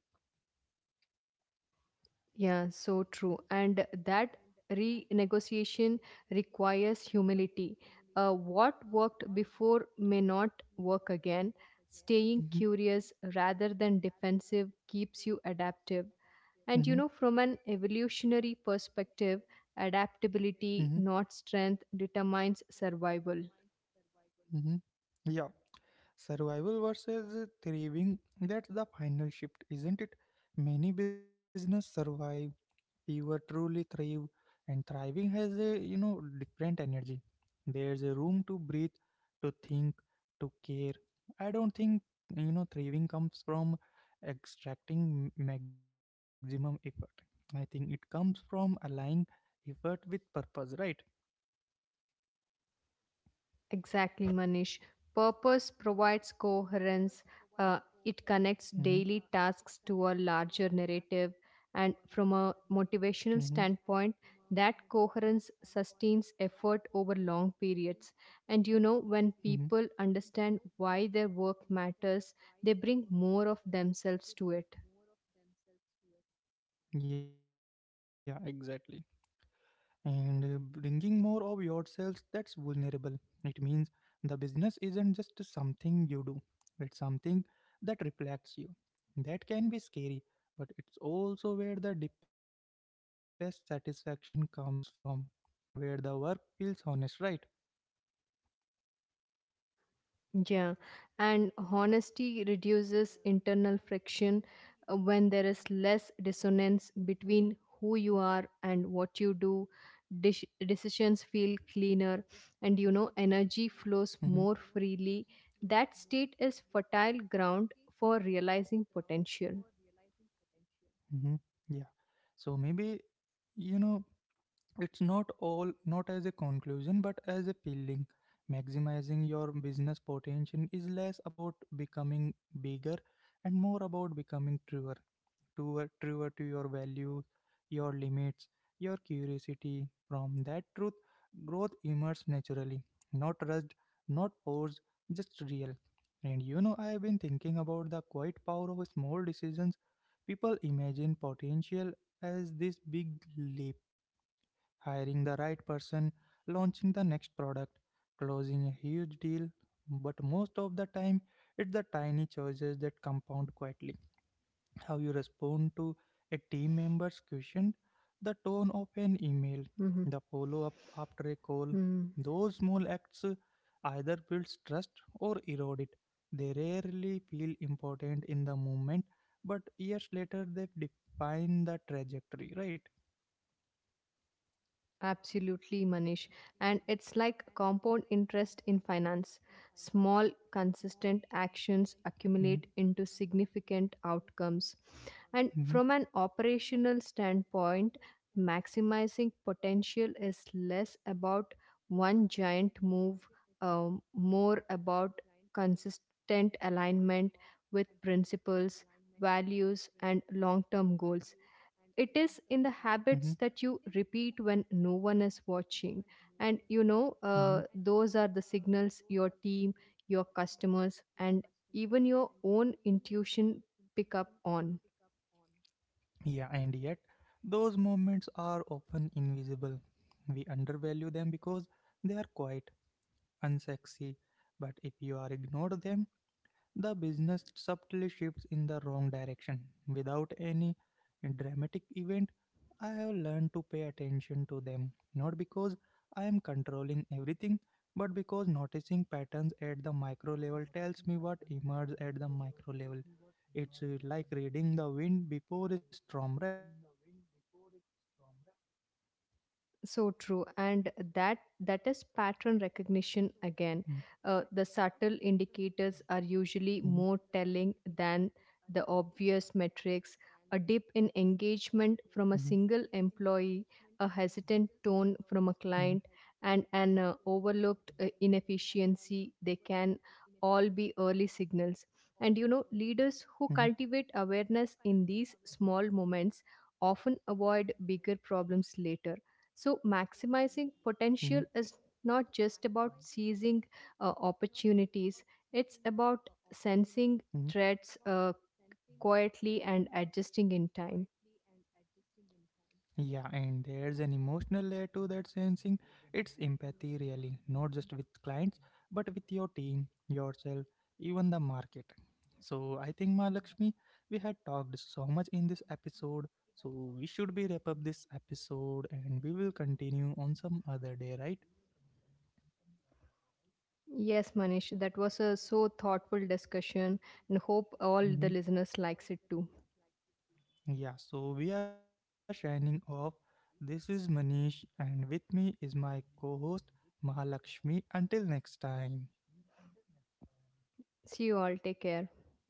S2: Yeah, so true. And that renegotiation requires humility. What worked before may not work again. Staying
S1: Mhm.
S2: curious rather than defensive keeps you adaptive. And you know,
S1: Mhm.
S2: from an evolutionary perspective,
S1: Mhm.
S2: adaptability, not strength, determines survival.
S1: Mhm. Yeah, survival versus thriving, that's the final shift, isn't it? Many business survive. We were truly thrive, and thriving has a different energy. There's a room to breathe, to think, to care. I don't think thriving comes from extracting maximum effort. I think it comes from aligning effort with purpose, right?
S2: Exactly, Manish. Purpose provides coherence, uh, it
S1: Mm-hmm.
S2: connects daily tasks to a larger narrative. And from
S1: Mm-hmm.
S2: a motivational standpoint, that coherence sustains effort over long periods. And you
S1: Hmm.
S2: know, when people understand why their work matters, they bring more of themselves to it.
S1: Yeah, exactly. And bringing more of yourselves, that's vulnerable. It means the business isn't just something you do, it's something that reflects you. That can be scary, but it's also where the deepest satisfaction comes from, where the work feels honest, right?
S2: Yeah, and honesty reduces internal friction when there is less dissonance between who you are and what you do. Decisions feel cleaner, and you know,
S1: Hmm.
S2: energy flows more freely. That state is fertile ground for realizing potential.
S1: Hmm. Yeah. So maybe, you know it's not all, not as a conclusion but as a feeling, maximizing your business potential is less about becoming bigger and more about becoming truer, truer, truer to your values, your limits, your curiosity. From that truth, growth emerges naturally, not rushed, not forced, just real. And I have been thinking about the quiet power of small decisions. People imagine potential as this big leap: hiring the right person, launching the next product, closing a huge deal. But most of the time, it's the tiny choices that compound quietly. How you respond to a team member's question, the tone of an email, the follow up after a call.
S2: Mhm.
S1: Those small acts either builds trust or erode it. They rarely feel important in the moment, but years later they define the trajectory, right?
S2: Absolutely, Manish. And it's like compound interest in finance. Small, consistent actions
S1: Mhm.
S2: accumulate into significant outcomes. And
S1: Mhm.
S2: from an operational standpoint, maximizing potential is less about one giant move, more about consistent alignment with principles, values, and long term goals. It is in the
S1: Mhm.
S2: habits that you repeat when no one is watching. And you know,
S1: Mhm.
S2: those are the signals your team, your customers, and even your own intuition pick up on.
S1: Yeah, and yet those moments are often invisible. We undervalue them because they are quite unsexy. But if you are ignored them, the business subtly shifts in the wrong direction without any dramatic event. I have learned to pay attention to them, not because I am controlling everything, but because noticing patterns at the micro level tells me what emerges at the micro level. It's like reading the wind before a storm, right?
S2: So true. And that is pattern recognition again. Uh, the subtle indicators are usually more
S1: Mm.
S2: telling than the obvious metrics: a dip in engagement from a single employee, a hesitant tone from a client,
S1: Mhm.
S2: and an overlooked inefficiency. They can all be early signals. And you know, leaders who
S1: Mhm. Mhm. Mhm.
S2: cultivate awareness in these small moments often avoid bigger problems later. So, maximizing
S1: Mhm.
S2: potential is not just about seizing opportunities, it's about sensing
S1: Mhm.
S2: threats quietly and adjusting in time.
S1: Yeah, and there's an emotional layer to that sensing. It's empathy, really, not just with clients, but with your team, yourself, even the market. So I think, Mahalakshmi, we had talked so much in this episode. So we should be wrap up this episode, and we will continue on some other day, right?
S2: Yes, Manish, that was a so thoughtful discussion, and hope all the listeners
S1: Hmm,
S2: likes it too.
S1: too. Yeah, so we are signing off. This is Manish, and with me is my co host Mahalakshmi. Until next time.
S2: See you all. Take care.